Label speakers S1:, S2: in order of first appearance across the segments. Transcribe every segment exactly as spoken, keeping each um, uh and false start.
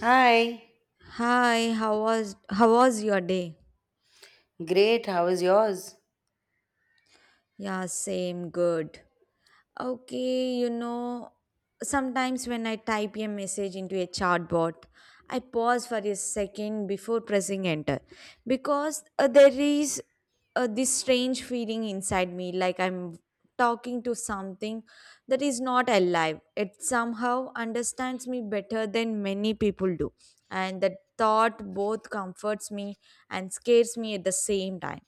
S1: Hi.
S2: Hi, how was how was your day?
S1: Great. How is yours?
S2: Yeah, same, good. Okay, you know, sometimes when I type a message into a chatbot, I pause for a second before pressing enter because uh, there is uh, this strange feeling inside me like I'm talking to something that is not alive. It somehow understands me better than many people do, and that thought both comforts me and scares me at the same time.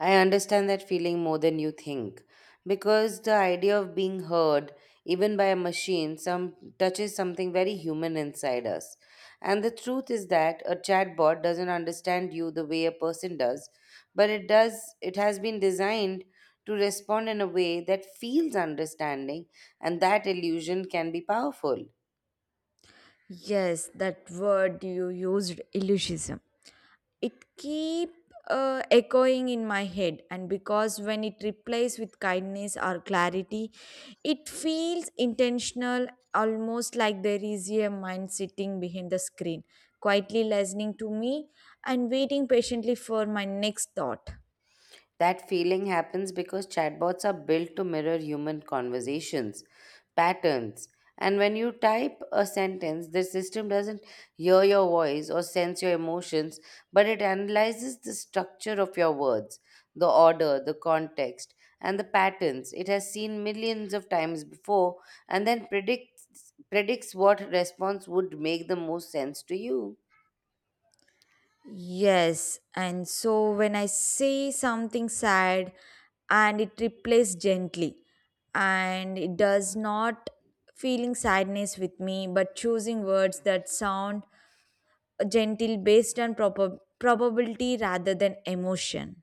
S1: I understand that feeling more than you think because the idea of being heard, even by a machine, some touches something very human inside us. And the truth is that a chatbot doesn't understand you the way a person does, but it does it has been designed to respond in a way that feels understanding, and that illusion can be powerful.
S2: Yes, that word you used, illusionism. It keep uh, echoing in my head, and because when it replaces with kindness or clarity, it feels intentional, almost like there is a mind sitting behind the screen, quietly listening to me and waiting patiently for my next thought.
S1: That feeling happens because chatbots are built to mirror human conversations, patterns, and when you type a sentence, the system doesn't hear your voice or sense your emotions, but it analyzes the structure of your words, the order, the context, and the patterns it has seen millions of times before, and then predicts predicts what response would make the most sense to you.
S2: Yes, and so when I say something sad and it replays gently and it does not feeling sadness with me but choosing words that sound gentle based on proper probability rather than emotion.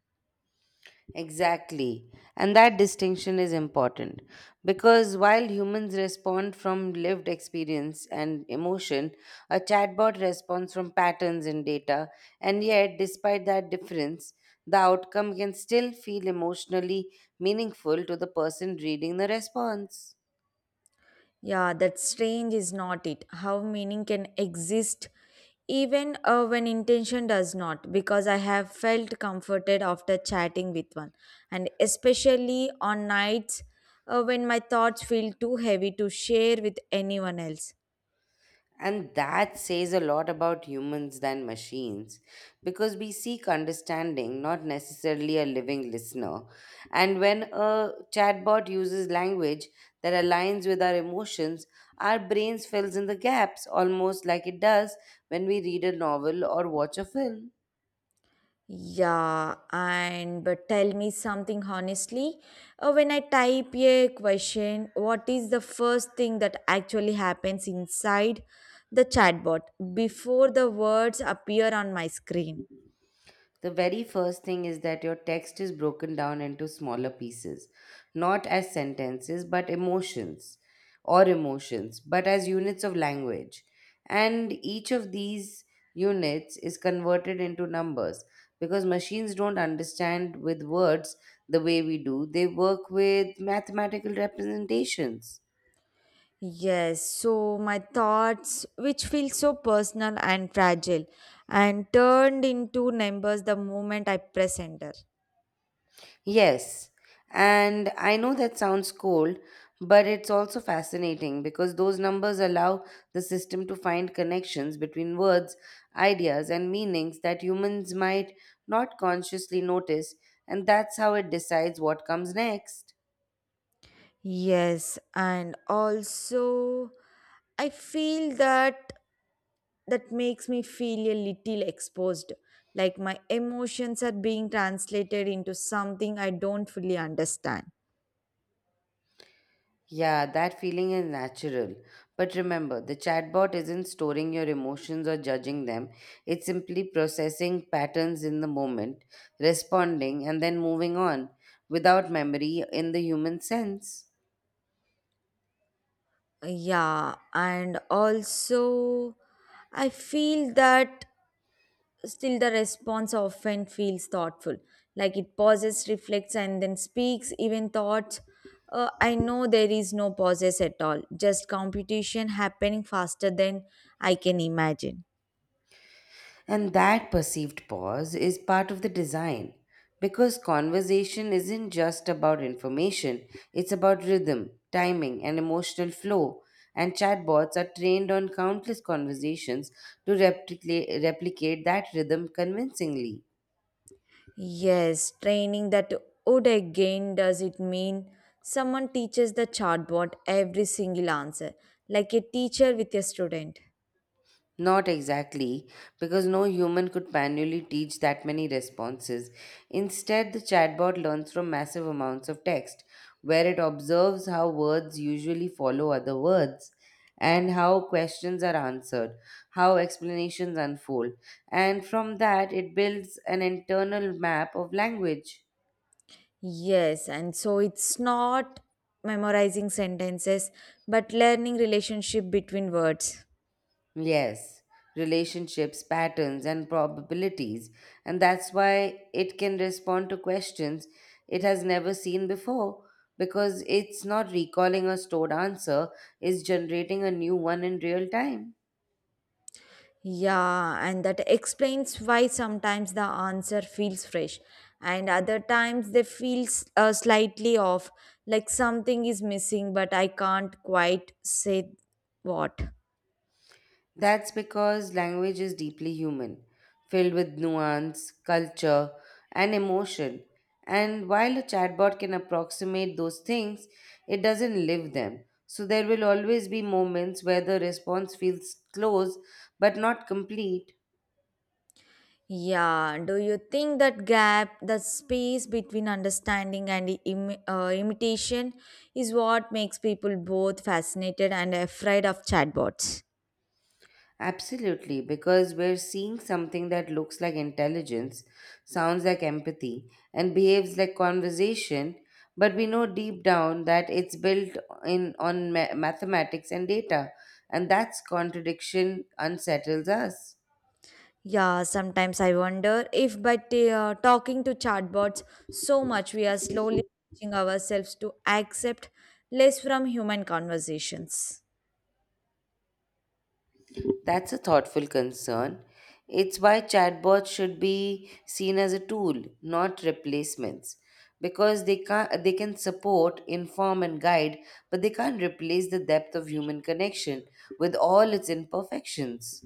S1: Exactly. And that distinction is important because while humans respond from lived experience and emotion, a chatbot responds from patterns and data. And yet, despite that difference, the outcome can still feel emotionally meaningful to the person reading the response.
S2: Yeah, that strange is not it. How meaning can exist even uh, when intention does not, because I have felt comforted after chatting with one, and especially on nights uh, when my thoughts feel too heavy to share with anyone else.
S1: And that says a lot about humans than machines because we seek understanding, not necessarily a living listener. And when a chatbot uses language that aligns with our emotions, our brains fills in the gaps almost like it does when we read a novel or watch a film.
S2: Yeah, and but tell me something honestly. Uh, when I type a question, what is the first thing that actually happens inside the chatbot before the words appear on my screen?
S1: The very first thing is that your text is broken down into smaller pieces, not as sentences, but emotions or emotions, but as units of language. And each of these units is converted into numbers because machines don't understand with words the way we do, they work with mathematical representations.
S2: Yes, so my thoughts, which feel so personal and fragile, and turned into numbers the moment I press enter.
S1: Yes, and I know that sounds cold, but it's also fascinating because those numbers allow the system to find connections between words, ideas, and meanings that humans might not consciously notice, and that's how it decides what comes next.
S2: Yes, and also I feel that. That makes me feel a little exposed, like my emotions are being translated into something I don't fully understand.
S1: Yeah, that feeling is natural. But remember, the chatbot isn't storing your emotions or judging them. It's simply processing patterns in the moment, responding, and then moving on without memory in the human sense.
S2: Yeah, and also I feel that still the response often feels thoughtful, like it pauses, reflects, and then speaks, even thoughts. Uh, I know there is no pauses at all, just competition happening faster than I can imagine.
S1: And that perceived pause is part of the design because conversation isn't just about information, it's about rhythm, timing, and emotional flow. And chatbots are trained on countless conversations to replicate, replicate that rhythm convincingly.
S2: Yes, training that would again does it mean someone teaches the chatbot every single answer, like a teacher with a student.
S1: Not exactly, because no human could manually teach that many responses. Instead, the chatbot learns from massive amounts of text, where it observes how words usually follow other words, and how questions are answered, how explanations unfold, and from that, it builds an internal map of language.
S2: Yes, and so it's not memorizing sentences but learning relationship between words.
S1: Yes, relationships, patterns, and probabilities. And that's why it can respond to questions it has never seen before because it's not recalling a stored answer, it's generating a new one in real time.
S2: Yeah, and that explains why sometimes the answer feels fresh and other times they feel s- uh, slightly off, like something is missing but I can't quite say what.
S1: That's because language is deeply human, filled with nuance, culture, and emotion. And while a chatbot can approximate those things, it doesn't live them. So there will always be moments where the response feels close but not complete,
S2: Yeah, do you think that gap, that space between understanding and Im- uh, imitation, is what makes people both fascinated and afraid of chatbots?
S1: Absolutely, because we're seeing something that looks like intelligence, sounds like empathy, and behaves like conversation, but we know deep down that it's built in on ma- mathematics and data, and that's contradiction unsettles us.
S2: Yeah, sometimes I wonder if by t- uh, talking to chatbots so much, we are slowly teaching ourselves to accept less from human conversations.
S1: That's a thoughtful concern. It's why chatbots should be seen as a tool, not replacements, because they can they can support, inform, and guide, but they can't replace the depth of human connection with all its imperfections.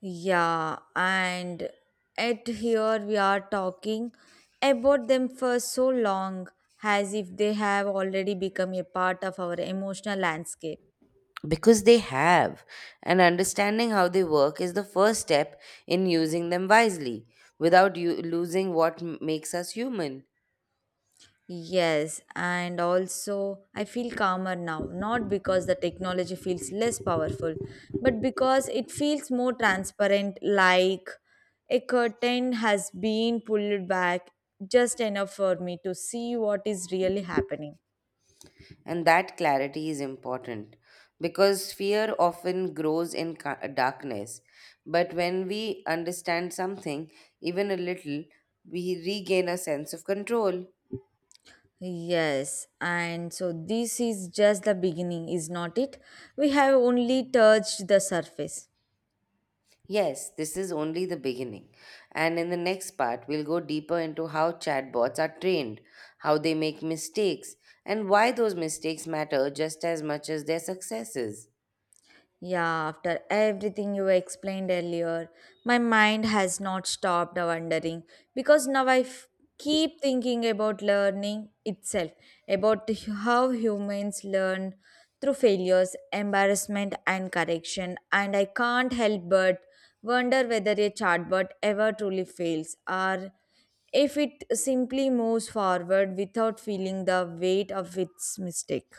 S2: Yeah, and at here we are talking about them for so long as if they have already become a part of our emotional landscape.
S1: Because they have, and understanding how they work is the first step in using them wisely, without you losing what m- makes us human.
S2: Yes, and also I feel calmer now, not because the technology feels less powerful, but because it feels more transparent, like a curtain has been pulled back just enough for me to see what is really happening.
S1: And that clarity is important because fear often grows in ca- darkness. But when we understand something, even a little, we regain a sense of control.
S2: Yes, and so this is just the beginning, is not it? We have only touched the surface.
S1: Yes, this is only the beginning. And in the next part, we'll go deeper into how chatbots are trained, how they make mistakes, and why those mistakes matter just as much as their successes.
S2: Yeah, after everything you explained earlier, my mind has not stopped wondering because now I f- keep thinking about learning itself, about how humans learn through failures, embarrassment, and correction. And I can't help but wonder whether a chatbot ever truly fails or if it simply moves forward without feeling the weight of its mistake.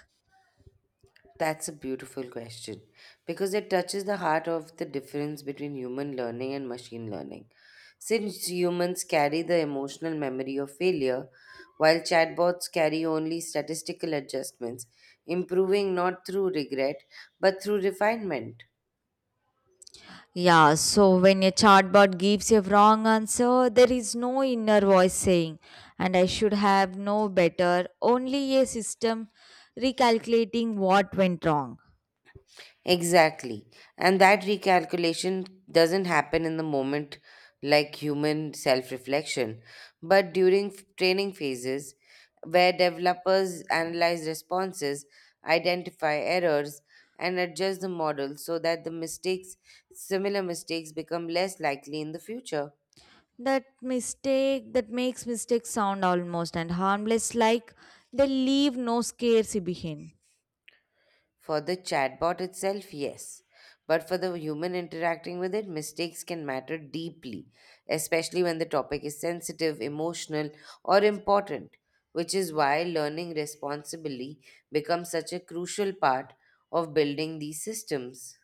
S1: That's a beautiful question because it touches the heart of the difference between human learning and machine learning. Since humans carry the emotional memory of failure, while chatbots carry only statistical adjustments, improving not through regret but through refinement.
S2: Yeah, so when a chatbot gives a wrong answer, there is no inner voice saying, and I should have no better, only a system recalculating what went wrong.
S1: Exactly. And that recalculation doesn't happen in the moment like human self reflection, but during f- training phases where developers analyze responses, identify errors, and adjust the model so that the mistakes, similar mistakes, become less likely in the future.
S2: That mistake that makes mistakes sound almost and harmless, like they leave no scarcity behind.
S1: For the chatbot itself, yes. But for the human interacting with it, mistakes can matter deeply, especially when the topic is sensitive, emotional, or important, which is why learning responsibly becomes such a crucial part of building these systems.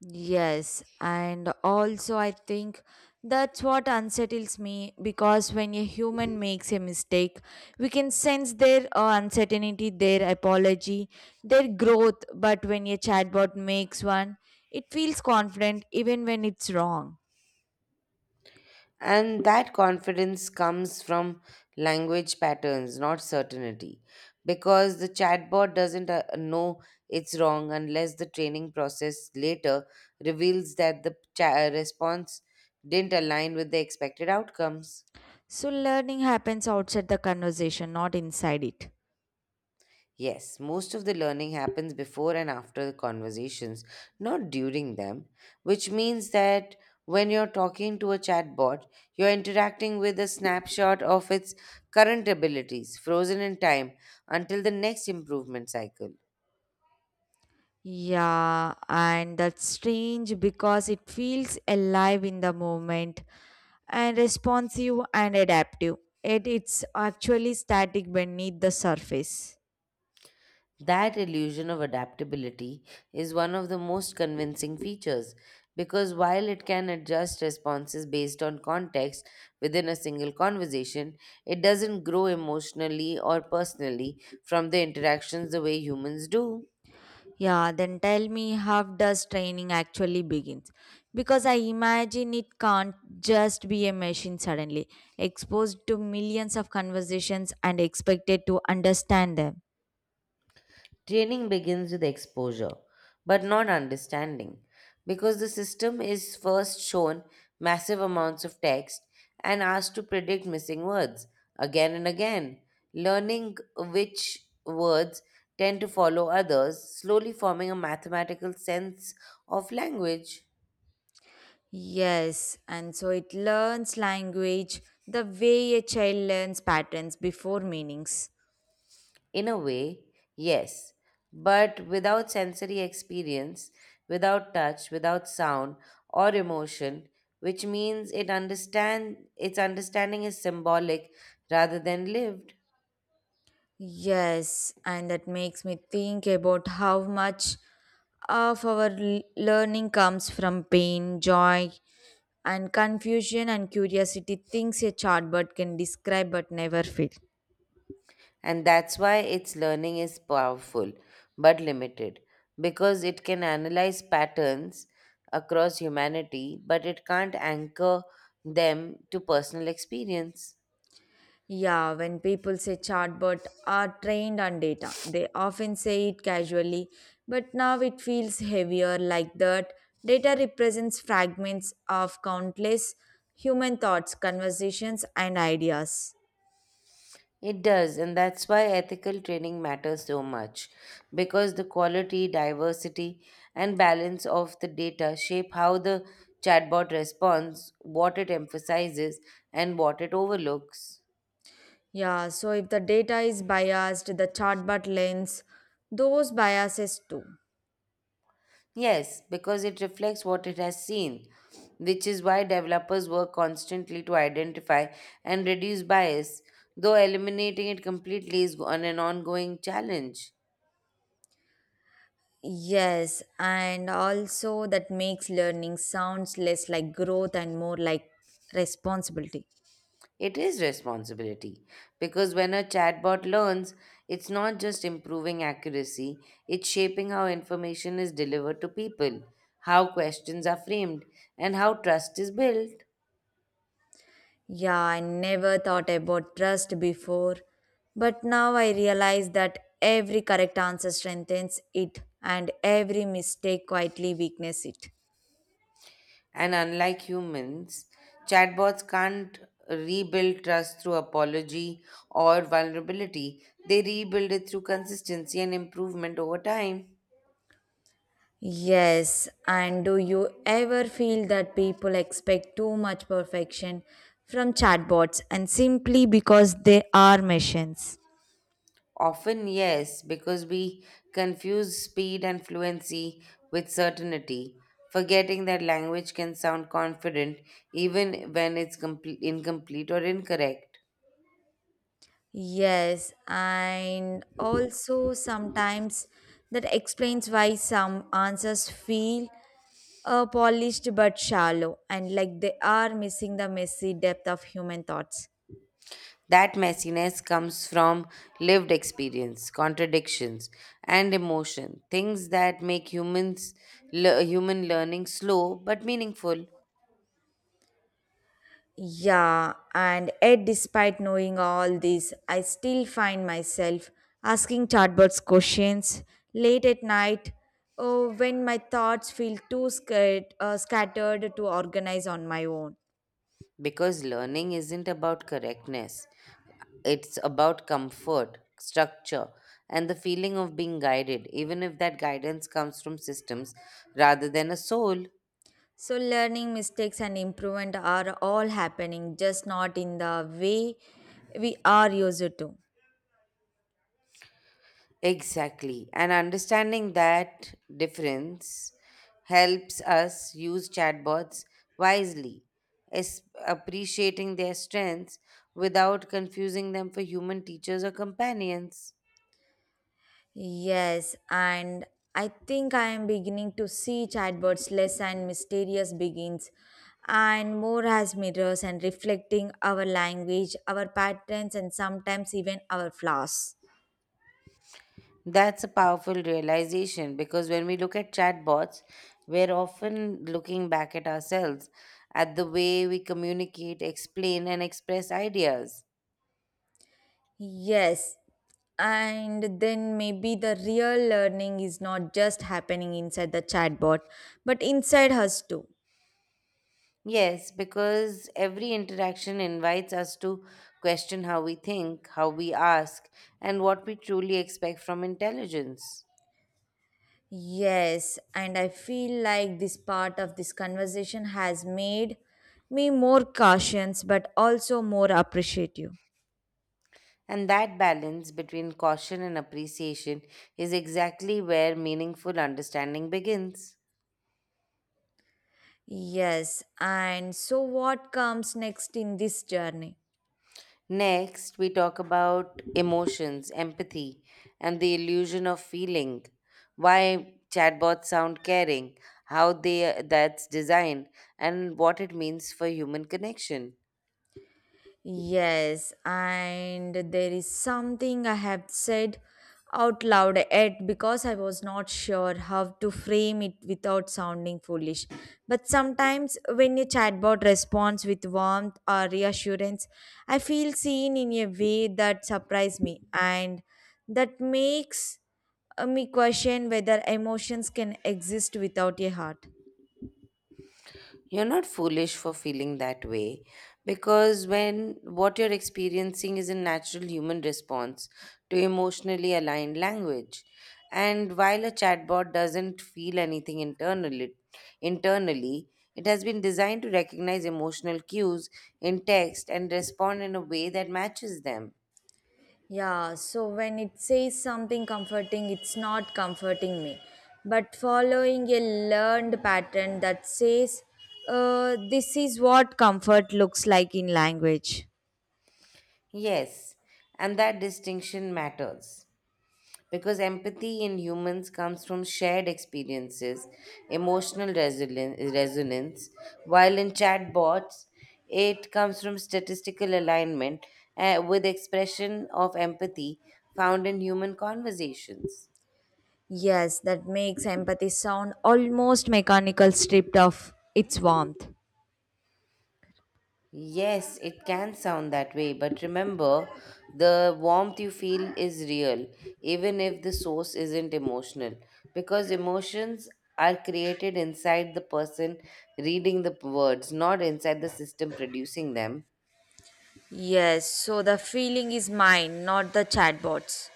S2: Yes, and also I think that's what unsettles me because when a human makes a mistake, we can sense their uh, uncertainty, their apology, their growth. But when a chatbot makes one, it feels confident even when it's wrong.
S1: And that confidence comes from language patterns, not certainty. Because the chatbot doesn't uh, know it's wrong unless the training process later reveals that the cha- uh, response didn't align with the expected outcomes.
S2: So learning happens outside the conversation, not inside it.
S1: Yes, most of the learning happens before and after the conversations, not during them, which means that when you're talking to a chatbot, you're interacting with a snapshot of its current abilities, frozen in time, until the next improvement cycle.
S2: Yeah, and that's strange because it feels alive in the moment and responsive and adaptive. Yet it's actually static beneath the surface.
S1: That illusion of adaptability is one of the most convincing features because while it can adjust responses based on context within a single conversation, it doesn't grow emotionally or personally from the interactions the way humans do.
S2: Yeah, then tell me how does training actually begins? Because I imagine it can't just be a machine suddenly, exposed to millions of conversations and expected to understand them.
S1: Training begins with exposure, but not understanding, because the system is first shown massive amounts of text and asked to predict missing words again and again, learning which words tend to follow others, slowly forming a mathematical sense of language.
S2: Yes, and so it learns language the way a child learns patterns before meanings.
S1: In a way, yes, but without sensory experience, without touch, without sound or emotion, which means it understand its understanding is symbolic rather than lived.
S2: Yes, and that makes me think about how much of our l- learning comes from pain, joy, and confusion and curiosity, things a chart bird can describe but never feel.
S1: And that's why its learning is powerful but limited because it can analyze patterns across humanity, but it can't anchor them to personal experience.
S2: Yeah, when people say chatbot are trained on data, they often say it casually, but now it feels heavier like that. Data represents fragments of countless human thoughts, conversations, and ideas.
S1: It does, and that's why ethical training matters so much because the quality, diversity, and balance of the data shape how the chatbot responds, what it emphasizes, and what it overlooks.
S2: Yeah, so if the data is biased, the chatbot learns those biases too.
S1: Yes, because it reflects what it has seen, which is why developers work constantly to identify and reduce bias, though eliminating it completely is an ongoing challenge.
S2: Yes, and also that makes learning sounds less like growth and more like responsibility.
S1: It is responsibility because when a chatbot learns, it's not just improving accuracy, it's shaping how information is delivered to people, how questions are framed, and how trust is built.
S2: Yeah, I never thought about trust before, but now I realize that every correct answer strengthens it and every mistake quietly weakens it.
S1: And unlike humans, chatbots can't rebuild trust through apology or vulnerability, they rebuild it through consistency and improvement over time.
S2: Yes, and do you ever feel that people expect too much perfection from chatbots and simply because they are machines?
S1: Often, yes, because we confuse speed and fluency with certainty, forgetting that language can sound confident even when it's complete, incomplete or incorrect.
S2: Yes, and also sometimes that explains why some answers feel uh, polished but shallow, and like they are missing the messy depth of human thoughts.
S1: That messiness comes from lived experience, contradictions, and emotion, things that make humans le- human learning slow but meaningful
S2: Yeah, and yet, despite knowing all this, I still find myself asking chatbots questions late at night oh, when my thoughts feel too scat- uh, scattered to organize on my own.
S1: because learning isn't about correctness. It's about comfort, structure, and the feeling of being guided, even if that guidance comes from systems rather than a soul.
S2: So, learning mistakes and improvement are all happening, just not in the way we are used to.
S1: Exactly. And understanding that difference helps us use chatbots wisely, es- appreciating their strengths without confusing them for human teachers or companions.
S2: Yes, and I think I am beginning to see chatbots less and mysterious begins and more as mirrors and reflecting our language, our patterns, and sometimes even our flaws.
S1: That's a powerful realization because when we look at chatbots, we're often looking back at ourselves, at the way we communicate, explain, and express ideas.
S2: Yes, and then maybe the real learning is not just happening inside the chatbot but inside us too.
S1: Yes, because every interaction invites us to question how we think, how we ask, and what we truly expect from intelligence.
S2: Yes, and I feel like this part of this conversation has made me more cautious but also more appreciative.
S1: And that balance between caution and appreciation is exactly where meaningful understanding begins.
S2: Yes, and so what comes next in this journey?
S1: Next, we talk about emotions, empathy, and the illusion of feeling. Why chatbots sound caring, how they that's designed, and what it means for human connection.
S2: Yes, and there is something I have said out loud yet because I was not sure how to frame it without sounding foolish. But sometimes when a chatbot responds with warmth or reassurance, I feel seen in a way that surprised me and that makes uh, me question whether emotions can exist without a heart.
S1: You're not foolish for feeling that way because when what you're experiencing is a natural human response to emotionally aligned language. And while a chatbot doesn't feel anything internally, internally, it has been designed to recognize emotional cues in text and respond in a way that matches them.
S2: Yeah, so when it says something comforting, it's not comforting me, but following a learned pattern that says, uh, this is what comfort looks like in language.
S1: Yes, and that distinction matters, because empathy in humans comes from shared experiences, emotional resili- resonance, while in chatbots, it comes from statistical alignment uh, with expression of empathy found in human conversations.
S2: Yes, that makes empathy sound almost mechanical, stripped of its warmth.
S1: Yes, it can sound that way, but remember, the warmth you feel is real, even if the source isn't emotional, because emotions are created inside the person reading the p- words, not inside the system producing them.
S2: Yes, so the feeling is mine, not the chatbot's.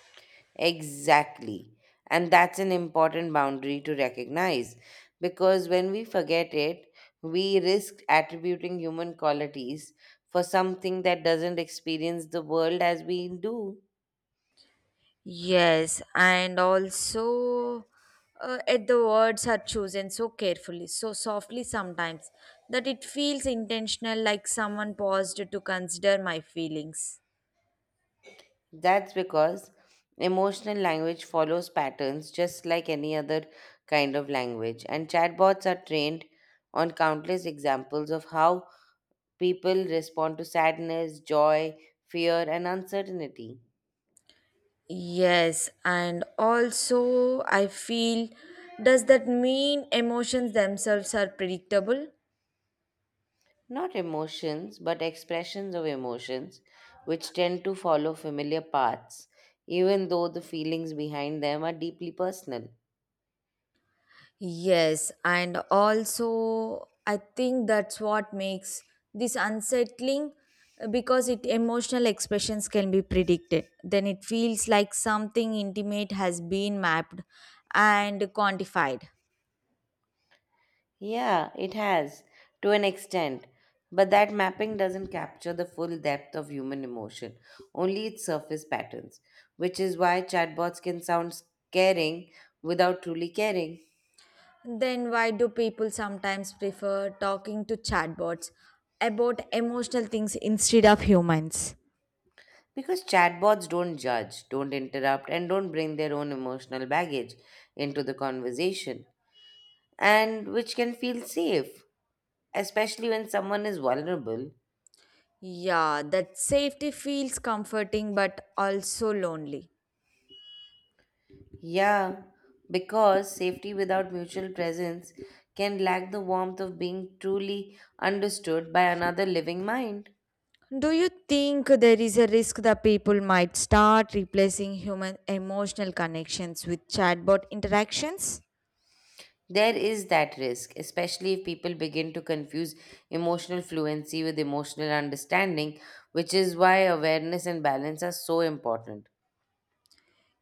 S1: Exactly. And that's an important boundary to recognize, because when we forget it, we risk attributing human qualities for something that doesn't experience the world as we do.
S2: Yes, and also uh, at the words are chosen so carefully, so softly sometimes that it feels intentional, like someone paused to consider my feelings.
S1: That's because emotional language follows patterns just like any other kind of language, and chatbots are trained on countless examples of how people respond to sadness, joy, fear, and uncertainty.
S2: Yes, and also I feel does that mean emotions themselves are predictable?
S1: Not emotions, but expressions of emotions, which tend to follow familiar paths, even though the feelings behind them are deeply personal.
S2: Yes, and also I think that's what makes this unsettling uh, because it emotional expressions can be predicted. Then it feels like something intimate has been mapped and quantified.
S1: Yeah, it has, to an extent. But that mapping doesn't capture the full depth of human emotion, only its surface patterns, which is why chatbots can sound caring without truly caring.
S2: Then why do people sometimes prefer talking to chatbots about emotional things instead of humans?
S1: Because chatbots don't judge, don't interrupt, and don't bring their own emotional baggage into the conversation, and which can feel safe, especially when someone is vulnerable.
S2: Yeah, that safety feels comforting but also lonely.
S1: Yeah, because safety without mutual presence can lack the warmth of being truly understood by another living mind.
S2: Do you think there is a risk that people might start replacing human emotional connections with chatbot interactions?
S1: There is that risk, especially if people begin to confuse emotional fluency with emotional understanding, which is why awareness and balance are so important.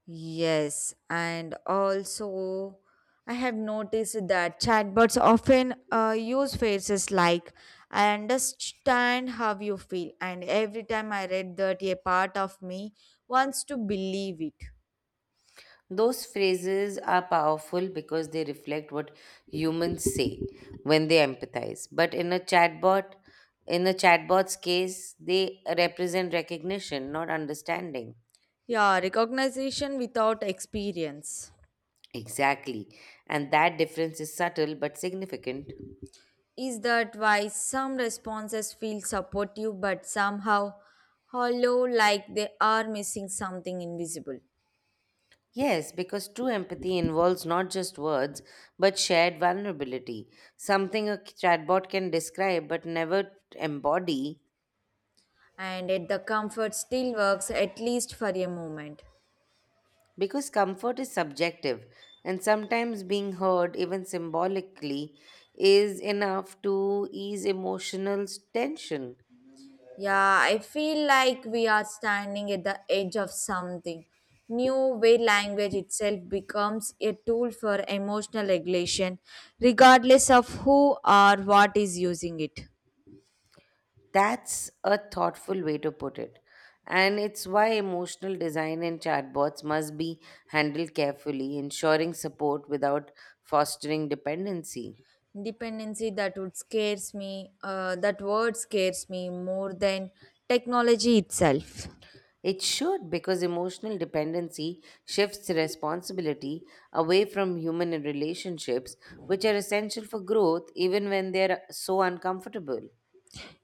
S2: Yes, and also I have noticed that chatbots often uh, use phrases like I understand how you feel, and every time I read that, a part of me wants to believe it.
S1: Those phrases are powerful because they reflect what humans say when they empathize. But in a chatbot, in a chatbot's case, they represent recognition, not understanding.
S2: Yeah, recognition without experience.
S1: Exactly. And that difference is subtle but significant.
S2: Is that why some responses feel supportive but somehow hollow like they are missing something invisible?
S1: Yes, because true empathy involves not just words, but shared vulnerability, something a chatbot can describe but never embody.
S2: And yet the comfort still works at least for a moment.
S1: Because comfort is subjective, and sometimes being heard, even symbolically, is enough to ease emotional tension.
S2: Yeah, I feel like we are standing at the edge of something new where language itself becomes a tool for emotional regulation, regardless of who or what is using it.
S1: That's a thoughtful way to put it. And it's why emotional design in chatbots must be handled carefully, ensuring support without fostering dependency.
S2: Dependency that would scares me, uh, that word scares me more than technology itself.
S1: It should, because emotional dependency shifts responsibility away from human relationships, which are essential for growth even when they're so uncomfortable.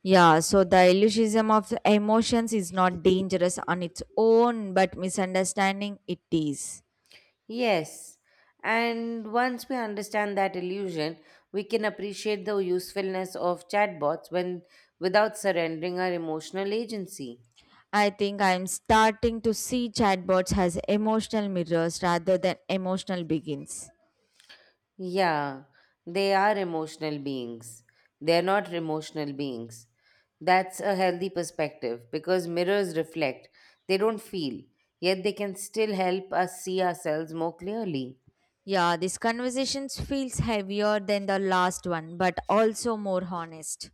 S2: Yeah, so the illusionism of emotions is not dangerous on its own, but misunderstanding it is.
S1: Yes, and once we understand that illusion, we can appreciate the usefulness of chatbots when without surrendering our emotional agency.
S2: I think I'm starting to see chatbots as emotional mirrors rather than emotional begins.
S1: Yeah, they are emotional beings. They're not emotional beings. That's a healthy perspective because mirrors reflect. They don't feel, yet they can still help us see ourselves more clearly.
S2: Yeah, this conversation feels heavier than the last one, but also more honest.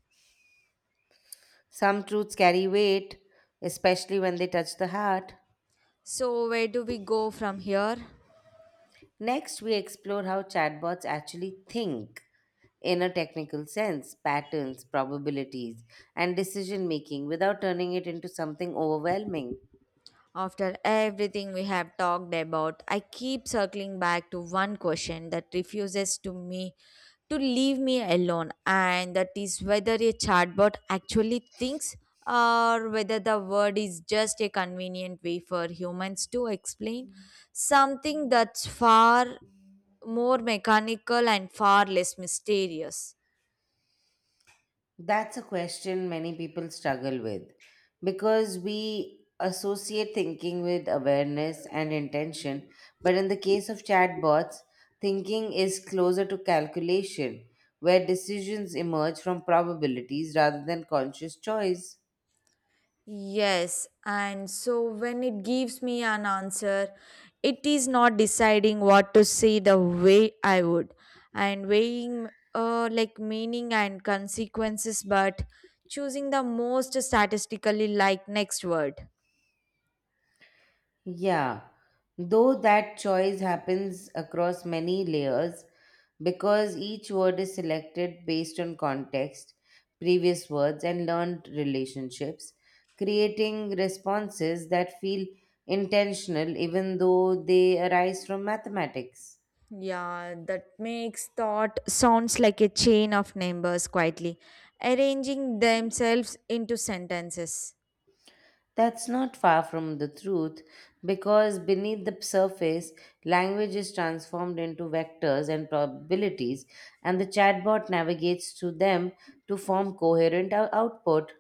S1: Some truths carry weight, especially when they touch the heart.
S2: So, where do we go from here?
S1: Next, we explore how chatbots actually think in a technical sense, patterns, probabilities, and decision making without turning it into something overwhelming.
S2: After everything we have talked about, I keep circling back to one question that refuses to me to leave me alone, and that is whether a chatbot actually thinks or whether the word is just a convenient way for humans to explain something that's far more mechanical and far less mysterious.
S1: That's a question many people struggle with because we associate thinking with awareness and intention. But in the case of chatbots, thinking is closer to calculation, where decisions emerge from probabilities rather than conscious choice.
S2: Yes, and so when it gives me an answer, it is not deciding what to say the way I would, and weighing uh, like meaning and consequences, but choosing the most statistically like next word.
S1: Yeah, though that choice happens across many layers because each word is selected based on context, previous words, and learned relationships, creating responses that feel intentional even though they arise from mathematics.
S2: Yeah, that makes thought sounds like a chain of numbers quietly, arranging themselves into sentences.
S1: That's not far from the truth because beneath the surface, language is transformed into vectors and probabilities, and the chatbot navigates through them to form coherent ou- output.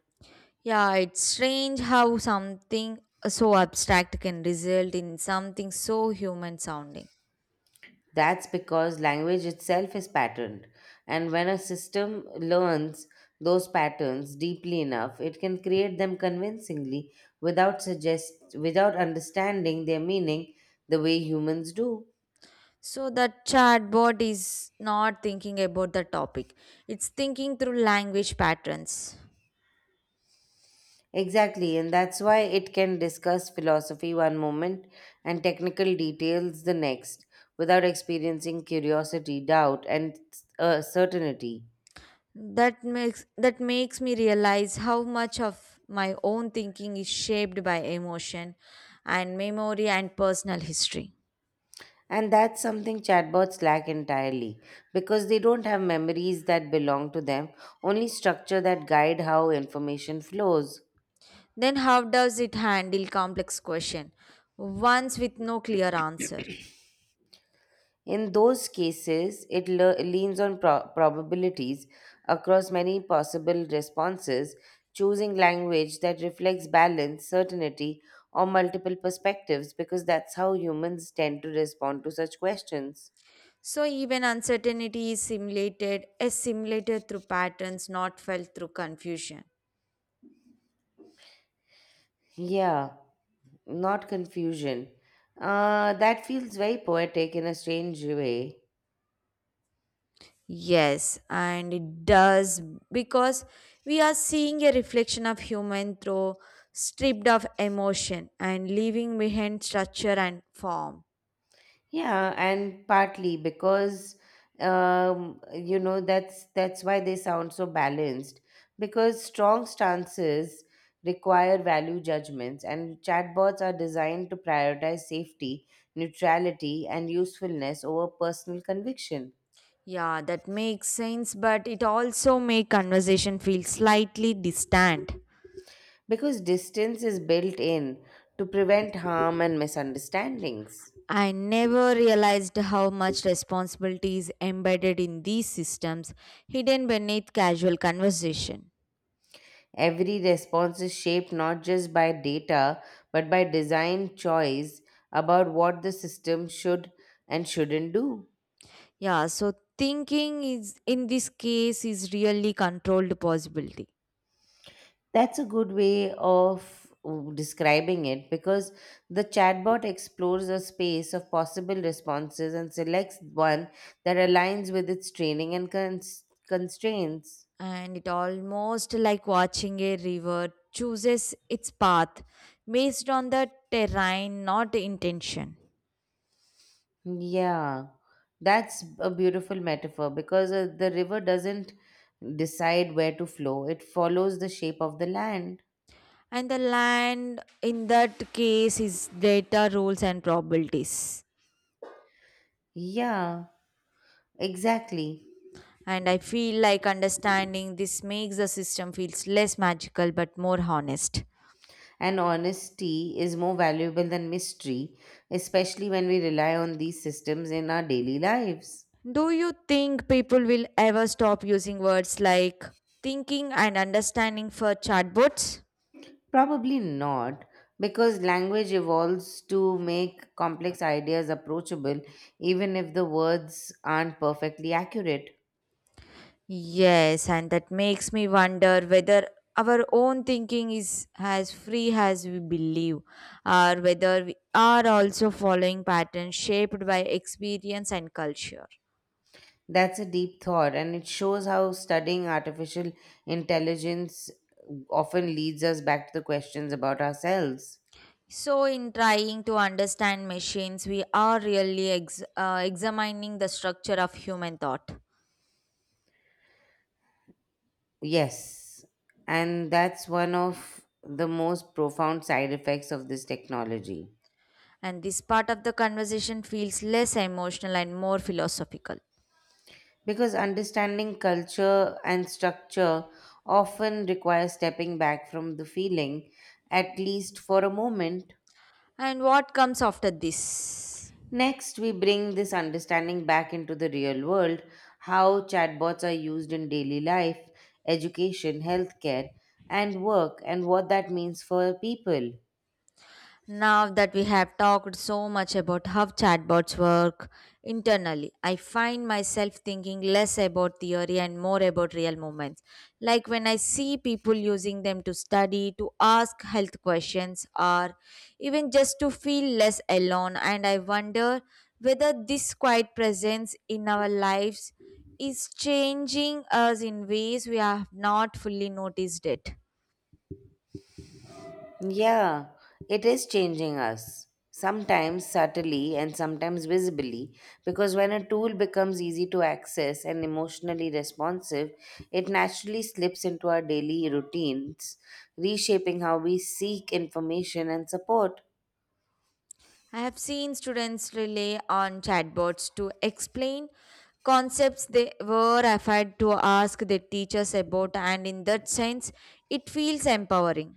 S2: Yeah, it's strange how something so abstract can result in something so human sounding.
S1: That's because language itself is patterned, and when a system learns those patterns deeply enough, it can create them convincingly without suggest without understanding their meaning the way humans do.
S2: So the chatbot is not thinking about the topic. It's thinking through language patterns.
S1: Exactly, and that's why it can discuss philosophy one moment and technical details the next without experiencing curiosity, doubt, and uh, certainty.
S2: That makes that makes me realize how much of my own thinking is shaped by emotion and memory and personal history.
S1: And that's something chatbots lack entirely because they don't have memories that belong to them, only structure that guide how information flows.
S2: Then how does it handle complex question once with no clear answer?
S1: In those cases, it le- leans on pro- probabilities across many possible responses, choosing language that reflects balance, certainty, or multiple perspectives because that's how humans tend to respond to such questions.
S2: So even uncertainty is simulated, is simulated through patterns, not felt through confusion.
S1: Yeah, not confusion. Uh, that feels very poetic in a strange way.
S2: Yes, and it does because we are seeing a reflection of human through stripped of emotion and leaving behind structure and form.
S1: Yeah, and partly because um, you know that's that's why they sound so balanced because strong stances require value judgments and chatbots are designed to prioritize safety, neutrality and usefulness over personal conviction,
S2: Yeah, that makes sense, but it also make conversation feel slightly distant.
S1: because distance is built in to prevent harm and misunderstandings.
S2: I never realized how much responsibility is embedded in these systems, hidden beneath casual conversation.
S1: Every response is shaped not just by data, but by design choice about what the system should and shouldn't do.
S2: Yeah, so thinking is in this case is really controlled possibility.
S1: That's a good way of uh, describing it because the chatbot explores a space of possible responses and selects one that aligns with its training and cons- constraints.
S2: And it almost like watching a river chooses its path based on the terrain, not the intention.
S1: Yeah, that's a beautiful metaphor because uh, the river doesn't decide where to flow, it follows the shape of the land.
S2: And the land in that case is data rules and probabilities.
S1: Yeah, exactly.
S2: And I feel like understanding this makes the system feels less magical but more honest.
S1: And honesty is more valuable than mystery, especially when we rely on these systems in our daily lives.
S2: Do you think people will ever stop using words like thinking and understanding for chatbots?
S1: Probably not, because language evolves to make complex ideas approachable, even if the words aren't perfectly accurate.
S2: Yes, and that makes me wonder whether our own thinking is as free as we believe, or whether we are also following patterns shaped by experience and culture.
S1: That's a deep thought, and it shows how studying artificial intelligence often leads us back to the questions about ourselves.
S2: So, in trying to understand machines, we are really ex- uh, examining the structure of human thought.
S1: Yes, and that's one of the most profound side effects of this technology.
S2: And this part of the conversation feels less emotional and more philosophical.
S1: Because understanding culture and structure often requires stepping back from the feeling, at least for a moment.
S2: And what comes after this?
S1: Next, we bring this understanding back into the real world: how chatbots are used in daily life, education, healthcare, and work, and what that means for people.
S2: Now that we have talked so much about how chatbots work internally, I find myself thinking less about theory and more about real moments. Like when I see people using them to study, to ask health questions, or even just to feel less alone, and I wonder whether this quiet presence in our lives is changing us in ways we have not fully noticed it.
S1: Yeah, it is changing us. Sometimes subtly and sometimes visibly, because when a tool becomes easy to access and emotionally responsive, it naturally slips into our daily routines, reshaping how we seek information and support.
S2: I have seen students rely on chatbots to explain concepts they were afraid to ask their teachers about, and in that sense, it feels empowering.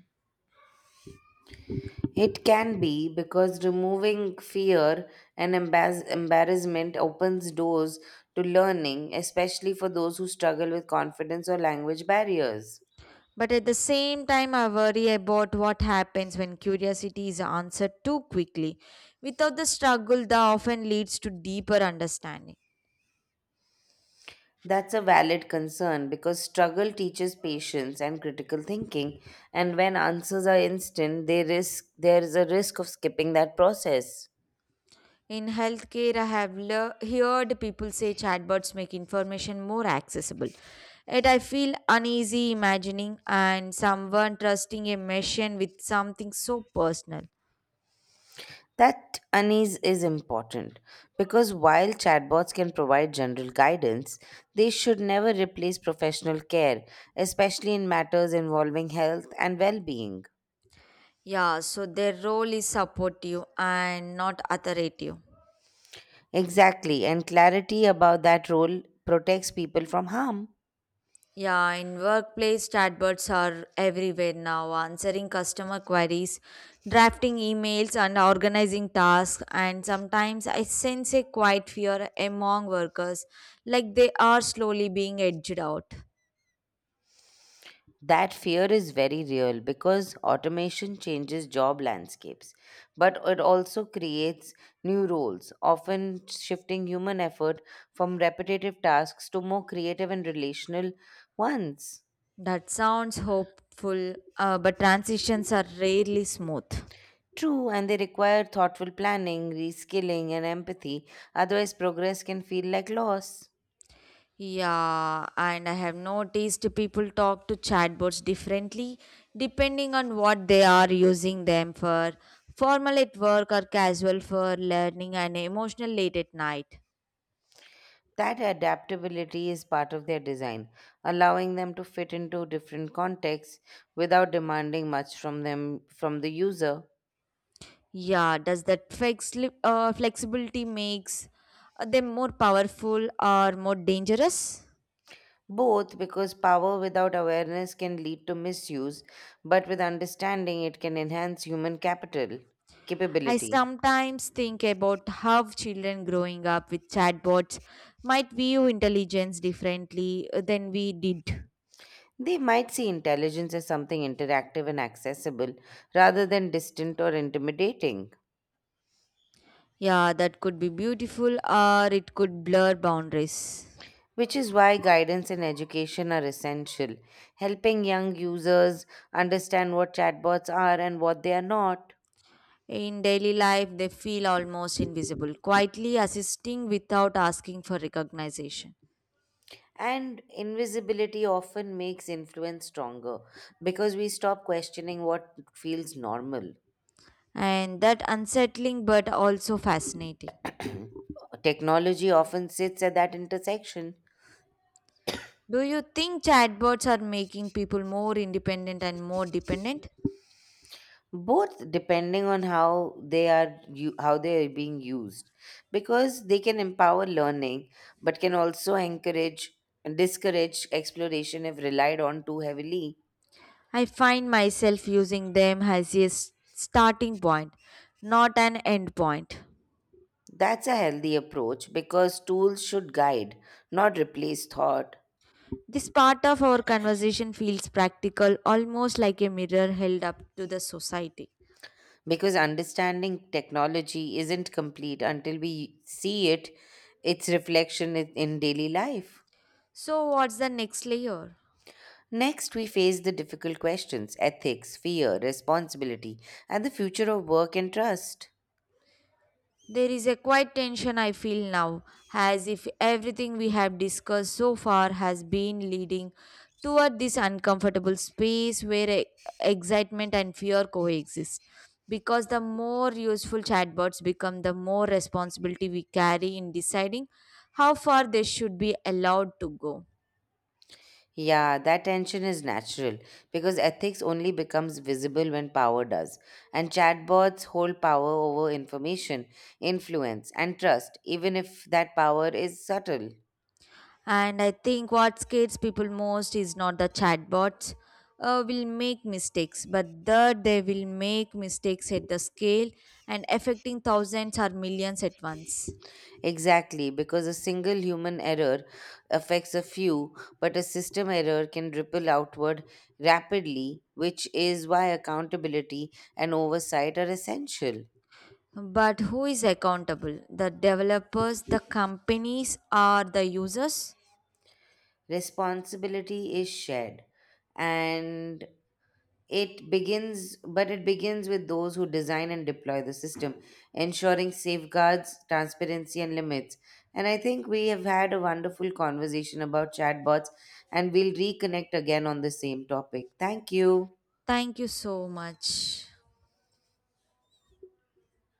S1: It can be because removing fear and embarrass- embarrassment opens doors to learning, especially for those who struggle with confidence or language barriers.
S2: But at the same time, I worry about what happens when curiosity is answered too quickly. Without the struggle, that often leads to deeper understanding.
S1: That's a valid concern because struggle teaches patience and critical thinking, and when answers are instant, they risk there is a risk of skipping that process.
S2: In healthcare, I have le- heard people say chatbots make information more accessible. Yet I feel uneasy imagining and someone trusting a machine with something so personal.
S1: That unease is important because while chatbots can provide general guidance, they should never replace professional care, especially in matters involving health and well being.
S2: Yeah, so their role is supportive and not authoritative.
S1: Exactly, and clarity about that role protects people from harm.
S2: Yeah, in workplace, chatbots are everywhere now, answering customer queries, drafting emails, and organizing tasks. And sometimes I sense a quiet fear among workers, like they are slowly being edged out.
S1: That fear is very real because automation changes job landscapes, but it also creates new roles, often shifting human effort from repetitive tasks to more creative and relational ones.
S2: That sounds hopeful, uh, but transitions are rarely smooth.
S1: True, and they require thoughtful planning, reskilling, and empathy. Otherwise, progress can feel like loss.
S2: Yeah, and I have noticed people talk to chatbots differently depending on what they are using them for formal at work or casual for learning and emotional late at night.
S1: That adaptability is part of their design, allowing them to fit into different contexts without demanding much from them from the user.
S2: Yeah, does that flex? uh, flexibility makes them more powerful or more dangerous?
S1: Both, because power without awareness can lead to misuse, but with understanding, it can enhance human capital
S2: I
S1: capability.
S2: sometimes think about how children growing up with chatbots might view intelligence differently than we did.
S1: They might see intelligence as something interactive and accessible rather than distant or intimidating,
S2: Yeah, that could be beautiful or it could blur boundaries.
S1: which is why guidance and education are essential, helping young users understand what chatbots are and what they are not.
S2: In daily life, they feel almost invisible, quietly assisting without asking for recognition.
S1: And invisibility often makes influence stronger because we stop questioning what feels normal.
S2: And that unsettling but also fascinating.
S1: Technology often sits at that intersection,
S2: Do you think chatbots are making people more independent and more dependent?
S1: both depending on how they are u- how they are being used, because they can empower learning, but can also encourage discourage exploration if relied on too heavily.
S2: I find myself using them as a s- starting point, not an end point.
S1: That's a healthy approach because tools should guide, not replace thought.
S2: This part of our conversation feels practical, almost like a mirror held up to the society.
S1: Because understanding technology isn't complete until we see it, its reflection in in daily life.
S2: So, what's the next layer?
S1: Next, we face the difficult questions: ethics, fear, responsibility, and the future of work and trust.
S2: There is a quiet tension I feel now, as if everything we have discussed so far has been leading toward this uncomfortable space where e- excitement and fear coexist. Because the more useful chatbots become, the more responsibility we carry in deciding how far they should be allowed to go.
S1: Yeah, that tension is natural because ethics only becomes visible when power does, and chatbots hold power over information, influence, and trust, even if that power is subtle.
S2: And I think what scares people most is not the chatbots uh, will make mistakes, but that they will make mistakes at the scale and affecting thousands or millions at once.
S1: Exactly, because a single human error affects a few, but a system error can ripple outward rapidly, which is why accountability and oversight are essential.
S2: But who is accountable? The developers, the companies, or the users?
S1: Responsibility is shared, and It begins, but it begins with those who design and deploy the system, ensuring safeguards, transparency, and limits. And I think we have had a wonderful conversation about chatbots, and we'll reconnect again on the same topic. Thank you.
S2: Thank you so much.